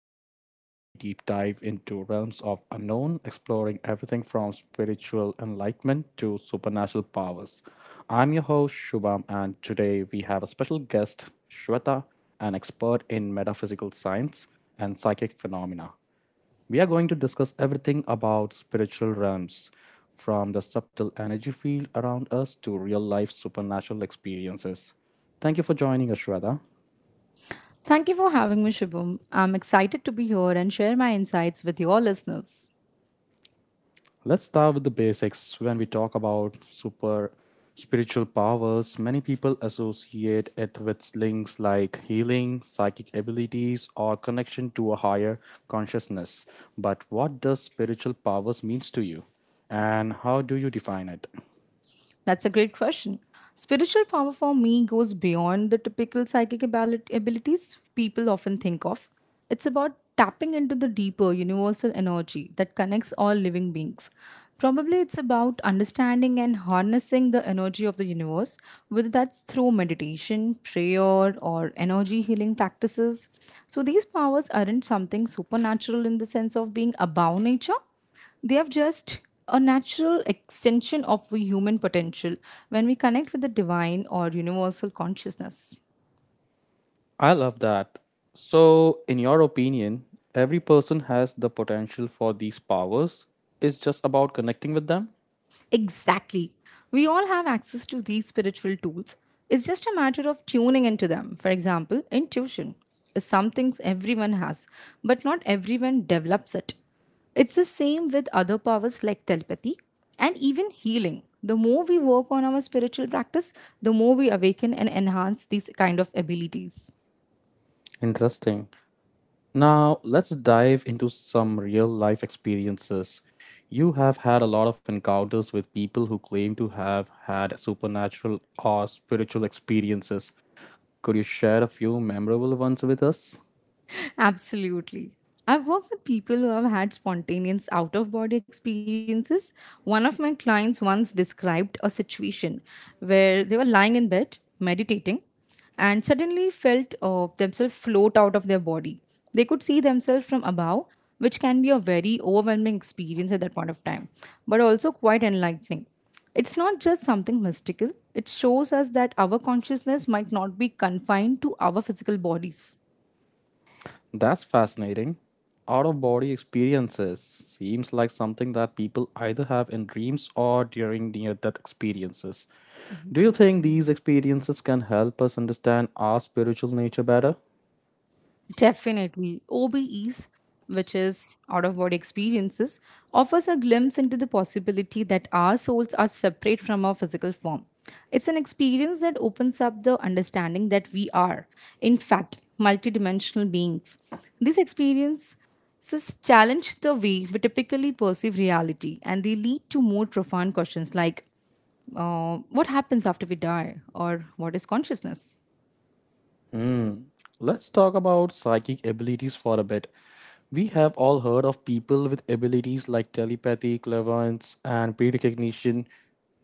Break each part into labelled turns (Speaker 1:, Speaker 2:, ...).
Speaker 1: podcast, where we deep dive into realms of unknown, exploring everything from spiritual enlightenment to supernatural powers. I'm your host, Shubham, and today we have a special guest, Shweta, an expert in metaphysical science and psychic phenomena. We are going to discuss everything about spiritual realms, from the subtle energy field around us to real life supernatural experiences. Thank you for joining us, Shweta.
Speaker 2: Thank you for having me, Shubham. I'm excited to be here and share my insights with your listeners.
Speaker 1: Let's start with the basics. When we talk about super spiritual powers, many people associate it with links like healing, psychic abilities, or connection to a higher consciousness. But what does spiritual powers means to you? And how do you define it?
Speaker 2: That's a great question. Spiritual power for me goes beyond the typical psychic abilities people often think of. It's about tapping into the deeper universal energy that connects all living beings. Probably it's about understanding and harnessing the energy of the universe, whether that's through meditation, prayer, or energy healing practices. So these powers aren't something supernatural in the sense of being above nature, they are just a natural extension of the human potential when we connect with the divine or universal consciousness.
Speaker 1: I love that. So, in your opinion, every person has the potential for these powers. It's just about connecting with them?
Speaker 2: Exactly. We all have access to these spiritual tools. It's just a matter of tuning into them. For example, intuition is something everyone has, but not everyone develops it. It's the same with other powers like telepathy and even healing. The more we work on our spiritual practice, the more we awaken and enhance these kind of abilities.
Speaker 1: Interesting. Now, let's dive into some real life experiences. You have had a lot of encounters with people who claim to have had supernatural or spiritual experiences. Could you share a few memorable ones with us?
Speaker 2: Absolutely. I've worked with people who have had spontaneous out of body experiences. One of my clients once described a situation where they were lying in bed meditating and suddenly felt themselves float out of their body. They could see themselves from above, which can be a very overwhelming experience at that point of time, but also quite enlightening. It's not just something mystical, it shows us that our consciousness might not be confined to our physical bodies.
Speaker 1: That's fascinating. Out of body experiences seems like something that people either have in dreams or during near death experiences. Do you think these experiences can help us understand our spiritual nature better?
Speaker 2: Definitely. OBEs, which is out of body experiences, offers a glimpse into the possibility that our souls are separate from our physical form. It's an experience that opens up the understanding that we are, in fact, multidimensional beings. These experiences challenge the way we typically perceive reality and they lead to more profound questions like, what happens after we die, or what is consciousness?
Speaker 1: Let's talk about psychic abilities for a bit. We have all heard of people with abilities like telepathy, clairvoyance, and precognition,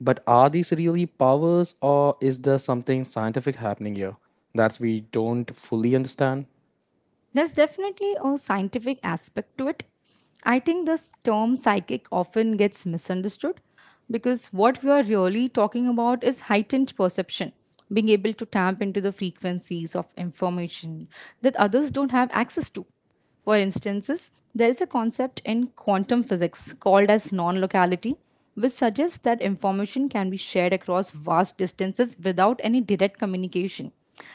Speaker 1: but are these really powers or is there something scientific happening here that we don't fully understand?
Speaker 2: There's definitely a scientific aspect to it. I think this term psychic often gets misunderstood because what we are really talking about is heightened perception, being able to tap into the frequencies of information that others don't have access to. For instances, there is a concept in quantum physics called as non locality, which suggests that information can be shared across vast distances without any direct communication.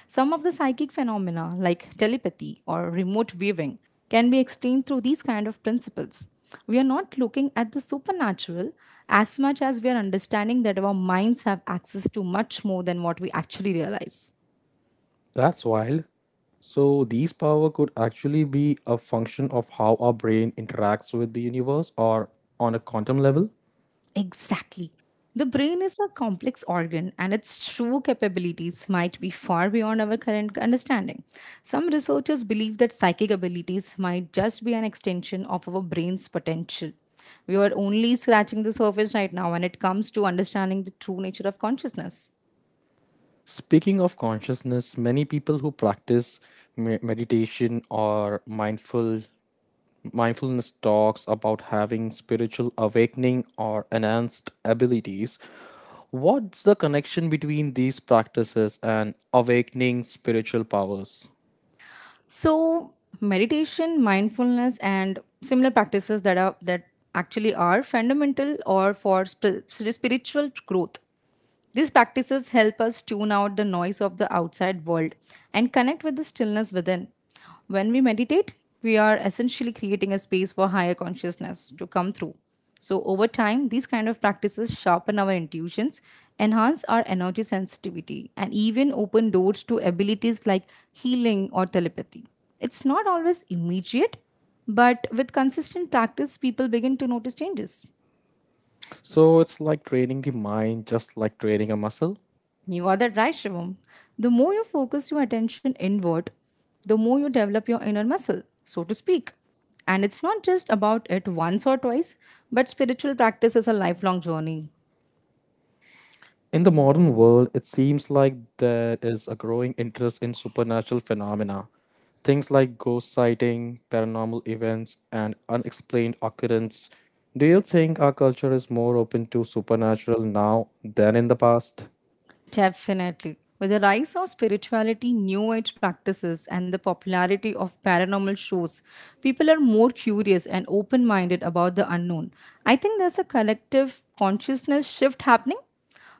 Speaker 2: Some of the psychic phenomena, like telepathy or remote viewing, can be explained through these kind of principles. We are not looking at the supernatural as much as we are understanding that our minds have access to much more than what we actually realize.
Speaker 1: That's wild. So, these power could actually be a function of how our brain interacts with the universe or on a quantum level?
Speaker 2: Exactly. The brain is a complex organ and its true capabilities might be far beyond our current understanding. Some researchers believe that psychic abilities might just be an extension of our brain's potential. We are only scratching the surface right now when it comes to understanding the true nature of consciousness.
Speaker 1: Speaking of consciousness, many people who practice meditation or mindfulness talks about having spiritual awakening or enhanced abilities. What's the connection between these practices and awakening spiritual powers?
Speaker 2: So, meditation, mindfulness, and similar practices that actually are fundamental or for spiritual growth. These practices help us tune out the noise of the outside world and connect with the stillness within. When we meditate, we are essentially creating a space for higher consciousness to come through. So, over time, these kind of practices sharpen our intuitions, enhance our energy sensitivity, and even open doors to abilities like healing or telepathy. It's not always immediate, but with consistent practice, people begin to notice changes.
Speaker 1: So it's like training the mind just like training a muscle.
Speaker 2: You got that right, Shivam. The more you focus your attention inward, the more you develop your inner muscle, so to speak. And it's not just about it once or twice, but spiritual practice is a lifelong journey.
Speaker 1: In the modern world, it seems like there is a growing interest in supernatural phenomena. Things like ghost sighting, paranormal events, and unexplained occurrence. Do you think our culture is more open to supernatural now than in the past?
Speaker 2: Definitely. With the rise of spirituality, new age practices, and the popularity of paranormal shows, people are more curious and open minded about the unknown. I think there's a collective consciousness shift happening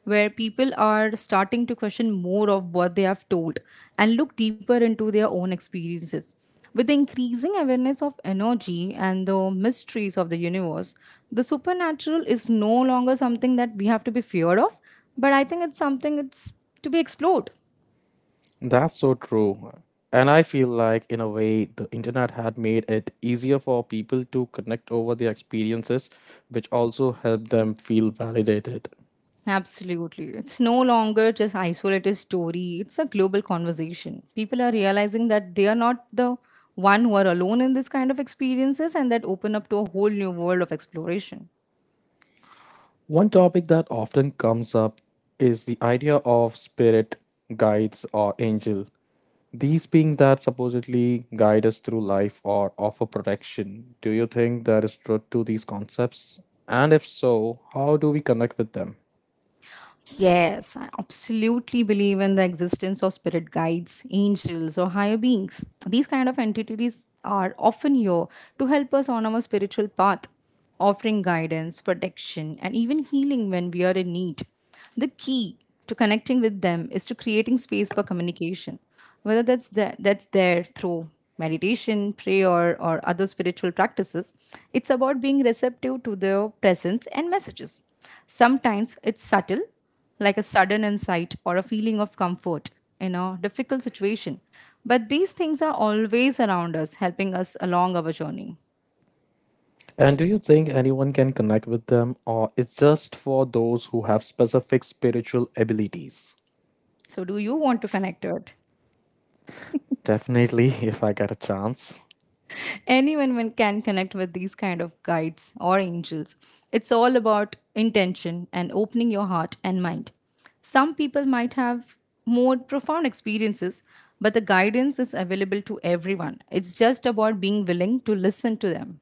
Speaker 2: where people are starting to question more of what they have told and look deeper into their own experiences. With the increasing awareness of energy and the mysteries of the universe, the supernatural is no longer something that we have to be feared of, but I think it's something, it's to be explored.
Speaker 1: That's so true. And I feel like, in a way, the internet had made it easier for people to connect over their experiences, which also helped them feel validated.
Speaker 2: Absolutely. It's no longer just isolated story. It's a global conversation. People are realizing that they are not the one who are alone in this kind of experiences and that open up to a whole new world of exploration.
Speaker 1: One topic that often comes up is the idea of spirit guides or angel. These being that supposedly guide us through life or offer protection. Do you think there is truth to these concepts? And if so, how do we connect with them?
Speaker 2: Yes, I absolutely believe in the existence of spirit guides, angels, or higher beings. These kind of entities are often here to help us on our spiritual path, offering guidance, protection, and even healing when we are in need. The key to connecting with them is to creating space for communication, whether that's there through meditation, prayer, or other spiritual practices. It's about being receptive to their presence and messages. Sometimes it's subtle, like a sudden insight or a feeling of comfort in a difficult situation. But these things are always around us, helping us along our journey.
Speaker 1: And do you think anyone can connect with them, or it's just for those who have specific spiritual abilities?
Speaker 2: So, do you want to connect to it?
Speaker 1: Definitely, if I get a chance.
Speaker 2: Anyone can connect with these kind of guides or angels. It's all about intention and opening your heart and mind. Some people might have more profound experiences, but the guidance is available to everyone. It's just about being willing to listen to them.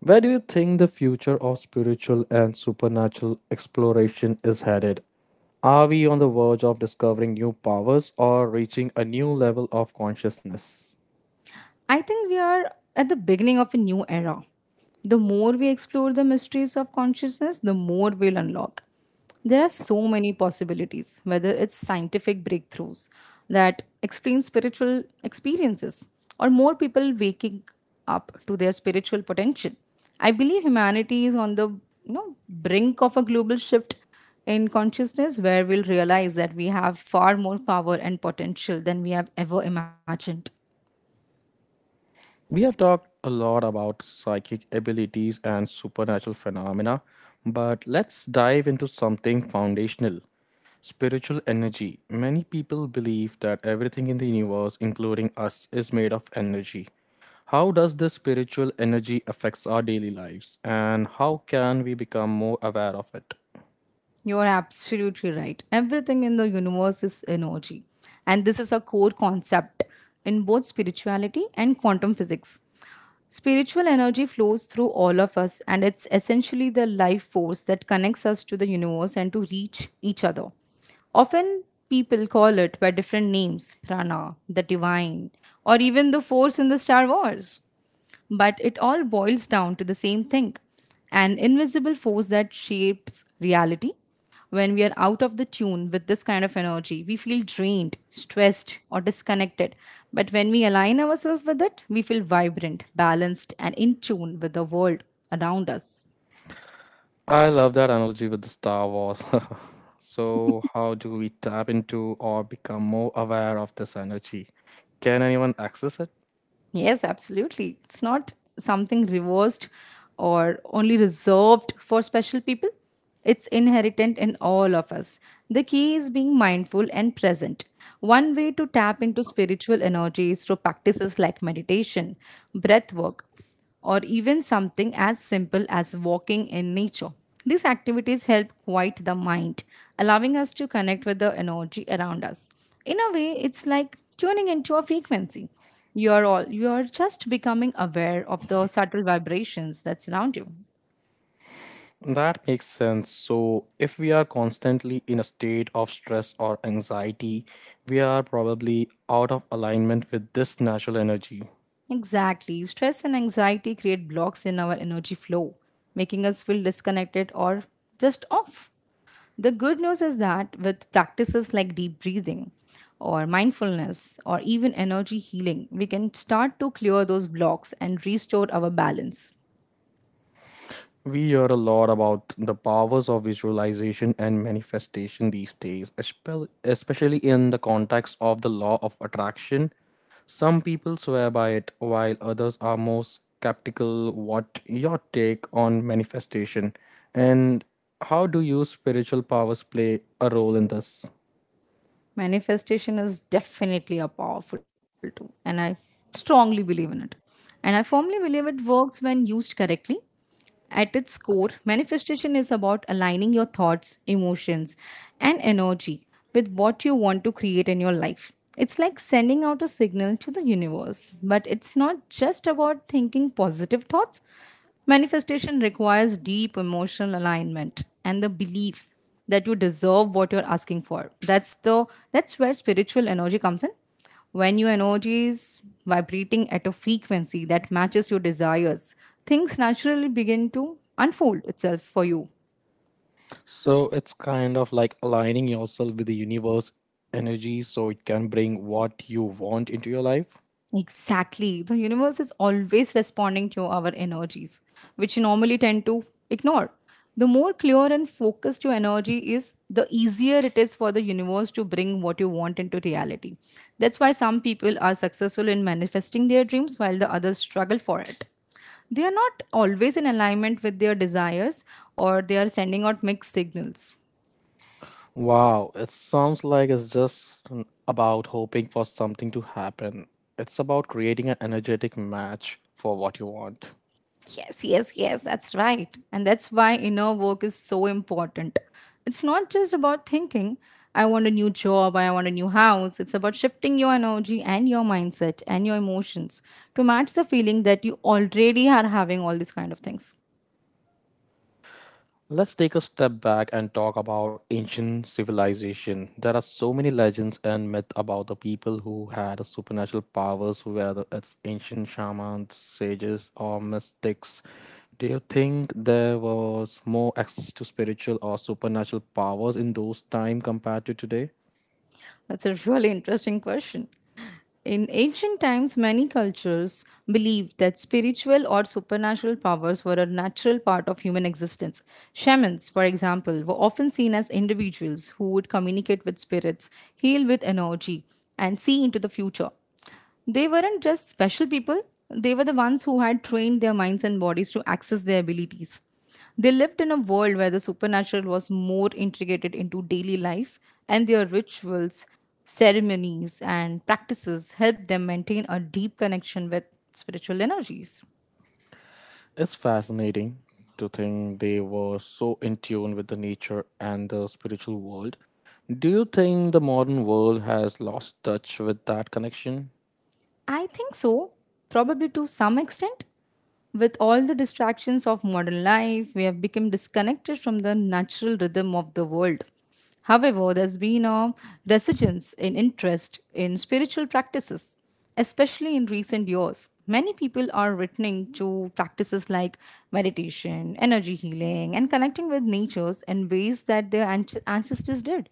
Speaker 1: Where do you think the future of spiritual and supernatural exploration is headed? Are we on the verge of discovering new powers or reaching a new level of consciousness?
Speaker 2: I think we are at the beginning of a new era. The more we explore the mysteries of consciousness, the more we'll unlock. There are so many possibilities, whether it's scientific breakthroughs that explain spiritual experiences or more people waking up to their spiritual potential. I believe humanity is on the brink of a global shift in consciousness where we'll realize that we have far more power and potential than we have ever imagined.
Speaker 1: We have talked a lot about psychic abilities and supernatural phenomena, but let's dive into something foundational spiritual energy. Many people believe that everything in the universe, including us, is made of energy. How does this spiritual energy affects our daily lives and how can we become more aware of it?
Speaker 2: You're absolutely right. Everything in the universe is energy. And this is a core concept in both spirituality and quantum physics. Spiritual energy flows through all of us, and it's essentially the life force that connects us to the universe and to reach each other. Often, people call it by different names: prana, the divine, or even the force in the Star Wars. But it all boils down to the same thing: an invisible force that shapes reality. When we are out of the tune with this kind of energy, we feel drained, stressed, or disconnected. But when we align ourselves with it, we feel vibrant, balanced, and in tune with the world around us.
Speaker 1: I love that analogy with the Star Wars. So, how do we tap into or become more aware of this energy? Can anyone access it?
Speaker 2: Yes, absolutely. It's not something reversed or only reserved for special people. It's inherent in all of us. The key is being mindful and present. One way to tap into spiritual energy is through practices like meditation, breath work, or even something as simple as walking in nature. These activities help quiet the mind, allowing us to connect with the energy around us. In a way, it's like tuning into a frequency. You're just becoming aware of the subtle vibrations that surround you.
Speaker 1: That makes sense. So, if we are constantly in a state of stress or anxiety, we are probably out of alignment with this natural energy.
Speaker 2: Exactly. Stress and anxiety create blocks in our energy flow, making us feel disconnected or just off. The good news is that with practices like deep breathing or mindfulness or even energy healing, we can start to clear those blocks and restore our balance.
Speaker 1: We hear a lot about the powers of visualization and manifestation these days, especially in the context of the law of attraction. Some people swear by it, while others are more skeptical. What your take on manifestation, and how do your spiritual powers play a role in this?
Speaker 2: Manifestation is definitely a powerful tool, and I strongly believe in it. And I firmly believe it works when used correctly. At its core, manifestation is about aligning your thoughts, emotions, and energy with what you want to create in your life. It's like sending out a signal to the universe, but it's not just about thinking positive thoughts. Manifestation requires deep emotional alignment and the belief that you deserve what you're asking for. That's where spiritual energy comes in. When your energy is vibrating at a frequency that matches your desires, things naturally begin to unfold itself for you.
Speaker 1: So it's kind of like aligning yourself with the universe energy so it can bring what you want into your life.
Speaker 2: Exactly. The universe is always responding to our energies, which you normally tend to ignore. The more clear and focused your energy is, the easier it is for the universe to bring what you want into reality. That's why some people are successful in manifesting their dreams while the others struggle for it. They are not always in alignment with their desires or they are sending out mixed signals.
Speaker 1: Wow, it sounds like it's just about hoping for something to happen. It's about creating an energetic match for what you want.
Speaker 2: Yes, yes, yes, that's right. And that's why inner work is so important. It's not just about thinking, I want a new job, I want a new house. It's about shifting your energy and your mindset and your emotions to match the feeling that you already are having all these kind of things.
Speaker 1: Let's take a step back and talk about ancient civilization. There are so many legends and myths about the people who had supernatural powers, whether it's ancient shamans, sages, or mystics. Do you think there was more access to spiritual or supernatural powers in those time compared to today?
Speaker 2: That's a really interesting question. In ancient times, many cultures believed that spiritual or supernatural powers were a natural part of human existence. Shamans, for example, were often seen as individuals who would communicate with spirits, heal with energy, and see into the future. They weren't just special people, they were the ones who had trained their minds and bodies to access their abilities. They lived in a world where the supernatural was more integrated into daily life, and their rituals, ceremonies, and practices helped them maintain a deep connection with spiritual energies.
Speaker 1: It's fascinating to think they were so in tune with the nature and the spiritual world. Do you think the modern world has lost touch with that connection?
Speaker 2: I think so, probably to some extent. With all the distractions of modern life, we have become disconnected from the natural rhythm of the world. However, there's been a resurgence in interest in spiritual practices, especially in recent years. Many people are returning to practices like meditation, energy healing, and connecting with natures in ways that their ancestors did.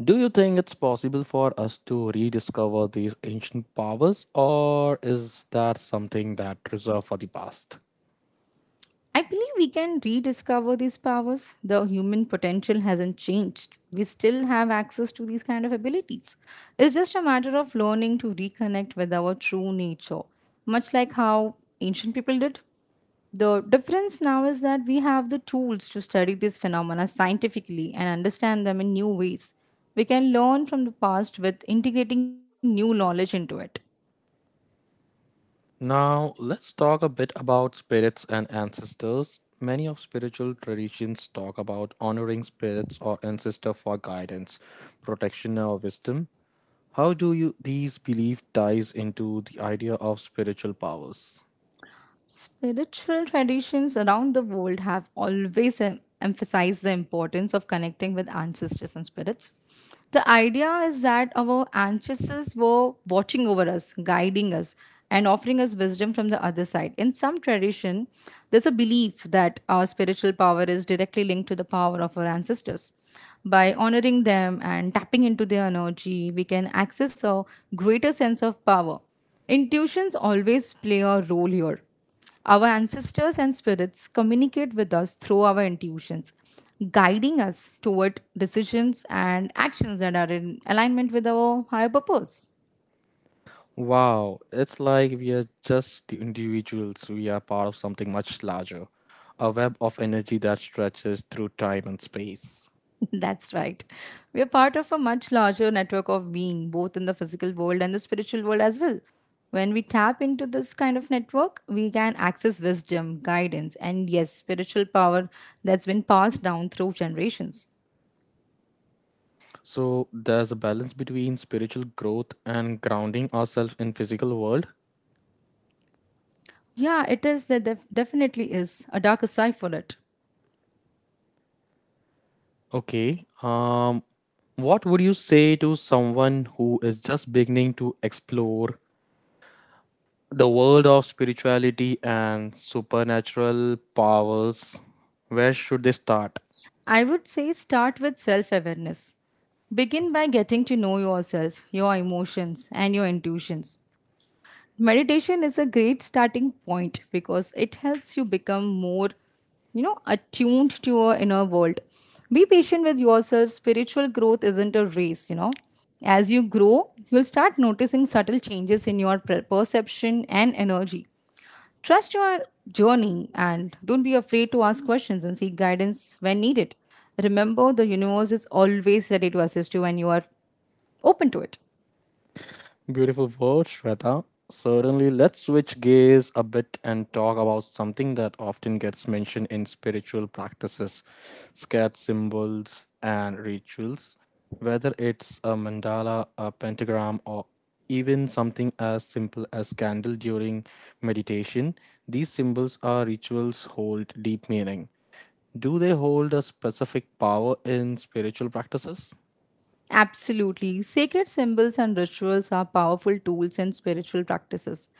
Speaker 1: Do you think it's possible for us to rediscover these ancient powers, or is that something that reserved for the past?
Speaker 2: I believe we can rediscover these powers. The human potential hasn't changed. We still have access to these kind of abilities. It's just a matter of learning to reconnect with our true nature, much like how ancient people did. The difference now is that we have the tools to study these phenomena scientifically and understand them in new ways. We can learn from the past with integrating new knowledge into it.
Speaker 1: Now, let's talk a bit about spirits and ancestors. Many of spiritual traditions talk about honoring spirits or ancestor for guidance, protection, or wisdom. How do you these belief ties into the idea of spiritual powers?
Speaker 2: Spiritual traditions around the world have always emphasized the importance of connecting with ancestors and spirits. The idea is that our ancestors were watching over us, guiding us, and offering us wisdom from the other side. In some tradition, there's a belief that our spiritual power is directly linked to the power of our ancestors. By honoring them and tapping into their energy, we can access a greater sense of power. Intuitions always play a role here our ancestors and spirits communicate with us through our intuitions, guiding us toward decisions and actions that are in alignment with our higher purpose.
Speaker 1: Wow, it's like we are just the individuals, we are part of something much larger, a web of energy that stretches through time and space.
Speaker 2: That's right. We are part of a much larger network of being, both in the physical world and the spiritual world as well. When we tap into this kind of network, we can access wisdom, guidance, and yes, spiritual power that's been passed down through generations.
Speaker 1: So there's a balance between spiritual growth and grounding ourselves in physical world.
Speaker 2: Yeah, it is. There definitely is a darker side for it.
Speaker 1: Okay. What would you say to someone who is just beginning to explore the world of spirituality and supernatural powers, where should they start?
Speaker 2: I would say start with self awareness. Begin by getting to know yourself, your emotions, and your intuitions. Meditation is a great starting point because it helps you become more attuned to your inner world. Be patient with yourself. Spiritual growth isn't a race. As you grow, you'll start noticing subtle changes in your perception and energy. Trust your journey and don't be afraid to ask questions and seek guidance when needed. Remember, the universe is always ready to assist you when you are open to it.
Speaker 1: Beautiful words, Shweta. Certainly, let's switch gears a bit and talk about something that often gets mentioned in spiritual practices, scared symbols and rituals. Whether it's a mandala, a pentagram, or even something as simple as candle during meditation, these symbols or rituals hold deep meaning. Do they hold a specific power in spiritual practices?
Speaker 2: Absolutely. Sacred symbols and rituals are powerful tools in spiritual practices.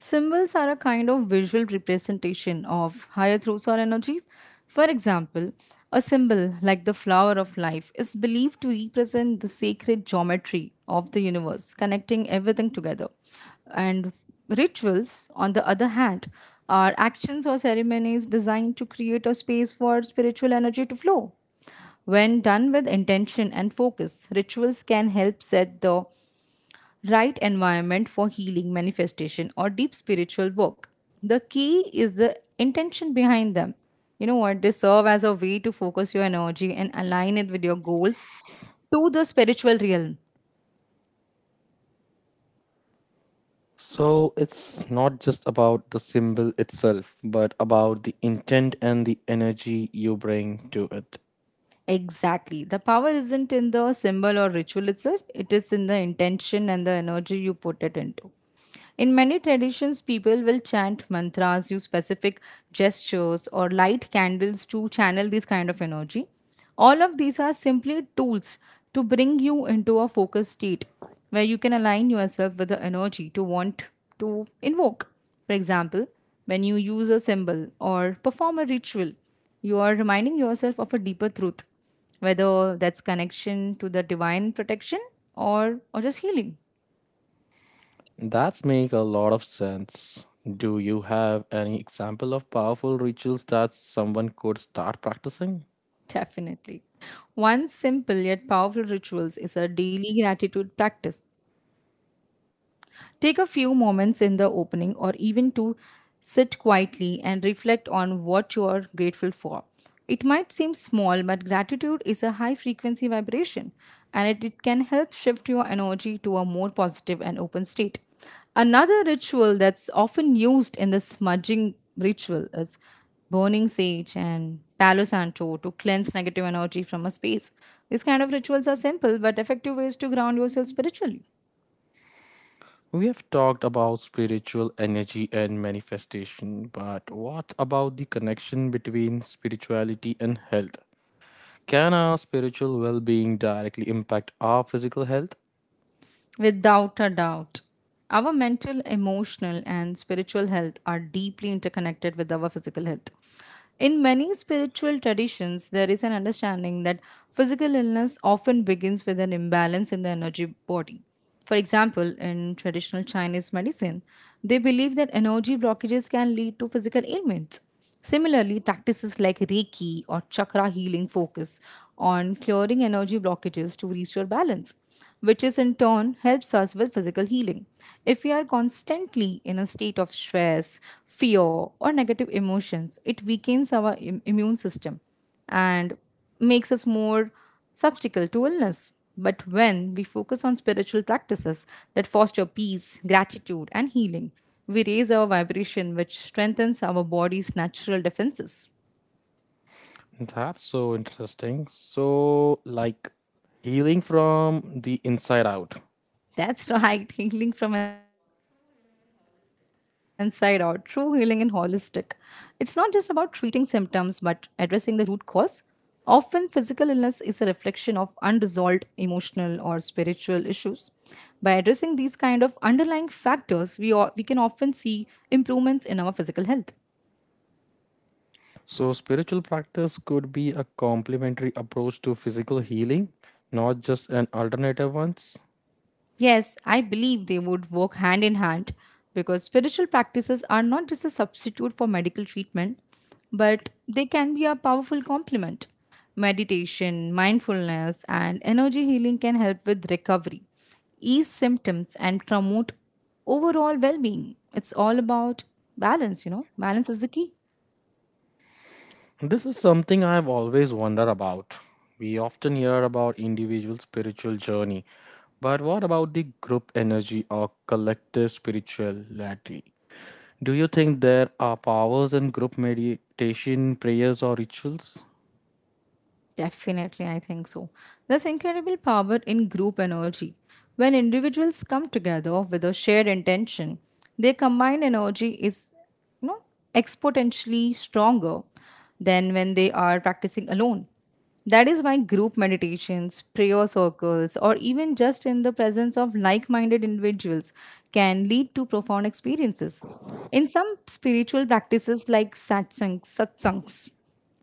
Speaker 2: Symbols are a kind of visual representation of higher truths or energies. For example, a symbol like the flower of life is believed to represent the sacred geometry of the universe, connecting everything together. And rituals, on the other hand, are actions or ceremonies designed to create a space for spiritual energy to flow. When done with intention and focus, rituals can help set the right environment for healing, manifestation, or deep spiritual work. The key is the intention behind them. You know what? They serve as a way to focus your energy and align it with your goals to the spiritual realm.
Speaker 1: So it's not just about the symbol itself, but about the intent and the energy you bring to it.
Speaker 2: Exactly. The power isn't in the symbol or ritual itself, it is in the intention and the energy you put it into. In many traditions, people will chant mantras, use specific gestures, or light candles to channel this kind of energy. All of these are simply tools to bring you into a focused state where you can align yourself with the energy to want to invoke. For example, when you use a symbol or perform a ritual, you are reminding yourself of a deeper truth, whether that's connection to the divine protection or just healing.
Speaker 1: That's make a lot of sense. Do you have any example of powerful rituals that someone could start practicing?
Speaker 2: Definitely. One simple yet powerful rituals is a daily gratitude practice. Take a few moments in the opening or even to sit quietly and reflect on what you are grateful for. It might seem small, but gratitude is a high frequency vibration and it can help shift your energy to a more positive and open state. Another ritual that's often used in the smudging ritual is burning sage and palo santo to cleanse negative energy from a space. These kind of rituals are simple but effective ways to ground yourself spiritually.
Speaker 1: We have talked about spiritual energy and manifestation, but what about the connection between spirituality and health? Can our spiritual well being directly impact our physical health?
Speaker 2: Without a doubt. Our mental, emotional, and spiritual health are deeply interconnected with our physical health. In many spiritual traditions, there is an understanding that physical illness often begins with an imbalance in the energy body. For example, in traditional Chinese medicine, they believe that energy blockages can lead to physical ailments. Similarly, practices like Reiki or Chakra healing focus on clearing energy blockages to restore balance, which is in turn helps us with physical healing. If we are constantly in a state of stress, fear, or negative emotions, it weakens our immune system and makes us more susceptible to illness. But when we focus on spiritual practices that foster peace, gratitude, and healing, we raise our vibration, which strengthens our body's natural defenses.
Speaker 1: That's so interesting. So, like healing from the inside out.
Speaker 2: That's right, healing from inside out, true healing and holistic. It's not just about treating symptoms but addressing the root cause. Often, physical illness is a reflection of unresolved emotional or spiritual issues. By addressing these kind of underlying factors, we can often see improvements in our physical health.
Speaker 1: So, spiritual practice could be a complementary approach to physical healing, not just an alternative ones.
Speaker 2: Yes, I believe they would work hand in hand because spiritual practices are not just a substitute for medical treatment, but they can be a powerful complement. Meditation, mindfulness, and energy healing can help with recovery, ease symptoms, and promote overall well being. It's all about balance, balance is the key.
Speaker 1: This is something I've always wondered about. We often hear about individual spiritual journey, but what about the group energy or collective spirituality? Do you think there are powers in group meditation, prayers, or rituals?
Speaker 2: Definitely, I think so. There's incredible power in group energy. When individuals come together with a shared intention, their combined energy is, you know, exponentially stronger than when they are practicing alone. That is why group meditations, prayer circles, or even just in the presence of like minded individuals can lead to profound experiences. In some spiritual practices like satsangs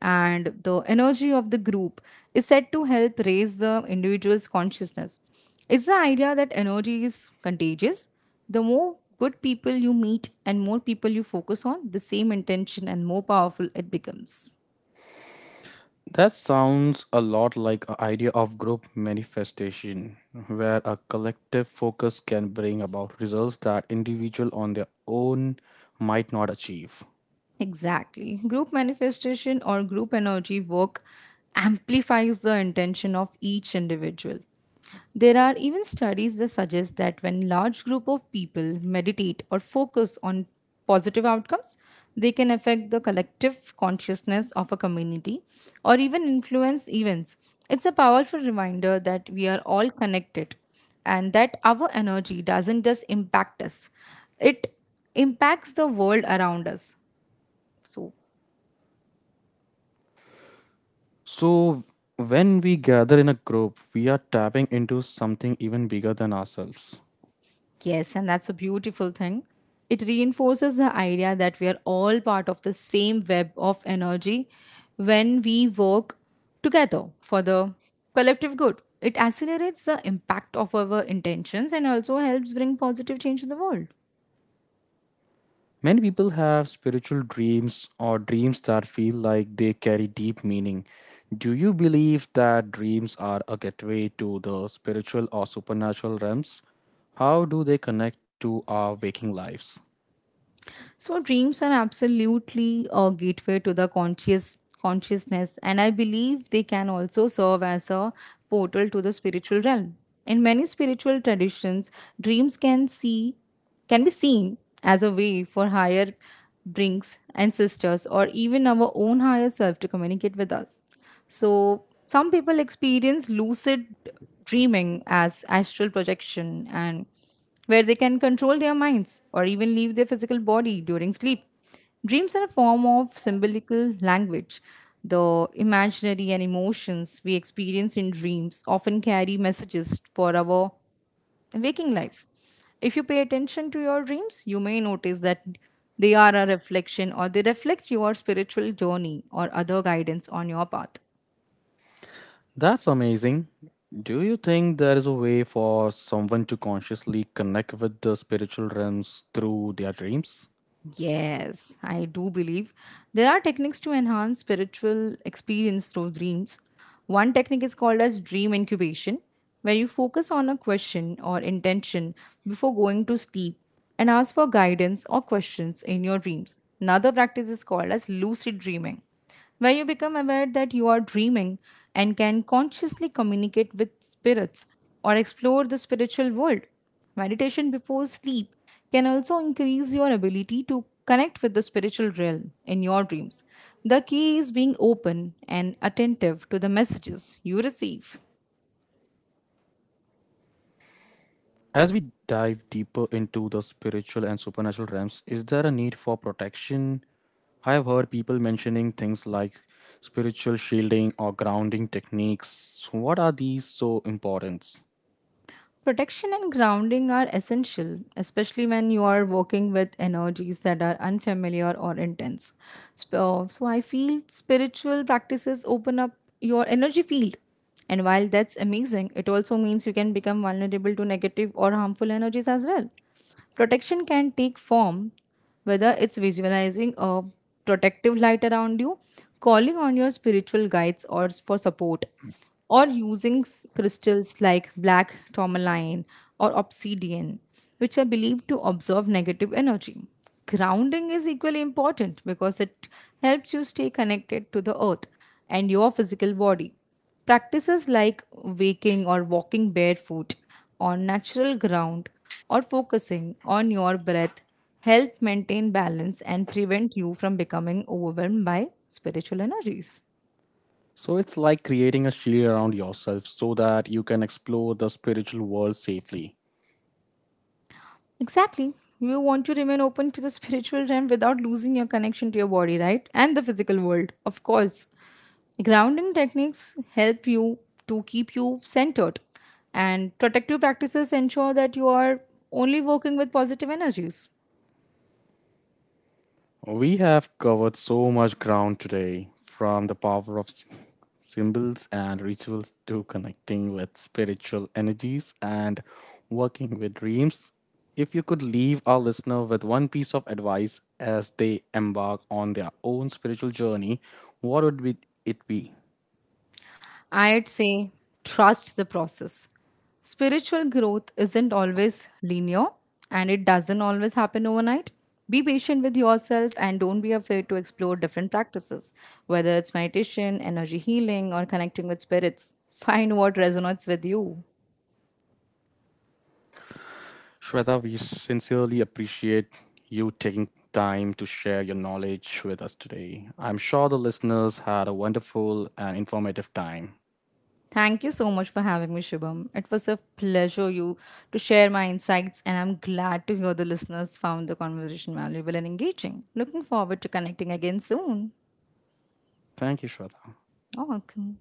Speaker 2: and the energy of the group is said to help raise the individual's consciousness. It's the idea that energy is contagious. The more good people you meet and more people you focus on, the same intention and more powerful it becomes.
Speaker 1: That sounds a lot like an idea of group manifestation, where a collective focus can bring about results that individual on their own might not achieve.
Speaker 2: Exactly. Group manifestation or group energy work amplifies the intention of each individual. There are even studies that suggest that when large group of people meditate or focus on positive outcomes, they can affect the collective consciousness of a community or even influence events. It's a powerful reminder that we are all connected and that our energy doesn't just impact us, it impacts the world around us. So,
Speaker 1: So when we gather in a group, we are tapping into something even bigger than ourselves.
Speaker 2: yes, and that's a beautiful thing. It reinforces the idea that we are all part of the same web of energy when we work together for the collective good. It accelerates the impact of our intentions and also helps bring positive change in the world.
Speaker 1: Many people have spiritual dreams or dreams that feel like they carry deep meaning. Do you believe that dreams are a gateway to the spiritual or supernatural realms? How do they connect to our waking lives?
Speaker 2: So dreams are absolutely a gateway to the conscious consciousness, and I believe they can also serve as a portal to the spiritual realm. In many spiritual traditions, dreams can be seen as a way for higher brings ancestors or even our own higher self to communicate with us. So some people experience lucid dreaming as astral projection and where they can control their minds or even leave their physical body during sleep. Dreams are a form of symbolical language. The imaginary and emotions we experience in dreams often carry messages for our waking life. If you pay attention to your dreams, you may notice that they reflect your spiritual journey or other guidance on your path.
Speaker 1: That's amazing. Do you think there is a way for someone to consciously connect with the spiritual realms through their dreams?
Speaker 2: Yes, I do believe there are techniques to enhance spiritual experience through dreams. One technique is called as dream incubation, where you focus on a question or intention before going to sleep and ask for guidance or questions in your dreams. Another practice is called as lucid dreaming where you become aware that you are dreaming and can consciously communicate with spirits or explore the spiritual world. Meditation before sleep can also increase your ability to connect with the spiritual realm in your dreams. The key is being open and attentive to the messages you receive.
Speaker 1: As we dive deeper into the spiritual and supernatural realms, is there a need for protection? I have heard people mentioning things like spiritual shielding or grounding techniques. So what are these so important?
Speaker 2: Protection and grounding are essential, especially when you are working with energies that are unfamiliar or intense. So I feel spiritual practices open up your energy field. And while that's amazing, it also means you can become vulnerable to negative or harmful energies as well. Protection can take form, whether it's visualizing a protective light around you, calling on your spiritual guides, for support or using crystals like black tourmaline or obsidian, which are believed to absorb negative energy. Grounding is equally important because it helps you stay connected to the earth and your physical body. Practices like waking or walking barefoot on natural ground or focusing on your breath help maintain balance and prevent you from becoming overwhelmed by spiritual energies.
Speaker 1: So it's like creating a shield around yourself so that you can explore the spiritual world safely.
Speaker 2: Exactly. You want to remain open to the spiritual realm without losing your connection to your body, right? And the physical world, of course. Grounding techniques help you to keep you centered, and protective practices ensure that you are only working with positive energies.
Speaker 1: We have covered so much ground today, from the power of symbols and rituals to connecting with spiritual energies and working with dreams. If you could leave our listener with one piece of advice as they embark on their own spiritual journey, what would be- it be?
Speaker 2: I'd say trust the process. Spiritual growth isn't always linear and it doesn't always happen overnight. Be patient with yourself and don't be afraid to explore different practices, whether it's meditation, energy healing, or connecting with spirits. Find what resonates with you.
Speaker 1: Shweta, we sincerely appreciate you taking time to share your knowledge with us today. I'm sure the listeners had a wonderful and informative time.
Speaker 2: Thank you so much for having me, Shubham. It was a pleasure you to share my insights, and I'm glad to hear the listeners found the conversation valuable and engaging. Looking forward to connecting again soon.
Speaker 1: Thank you, Shweta.
Speaker 2: You're welcome.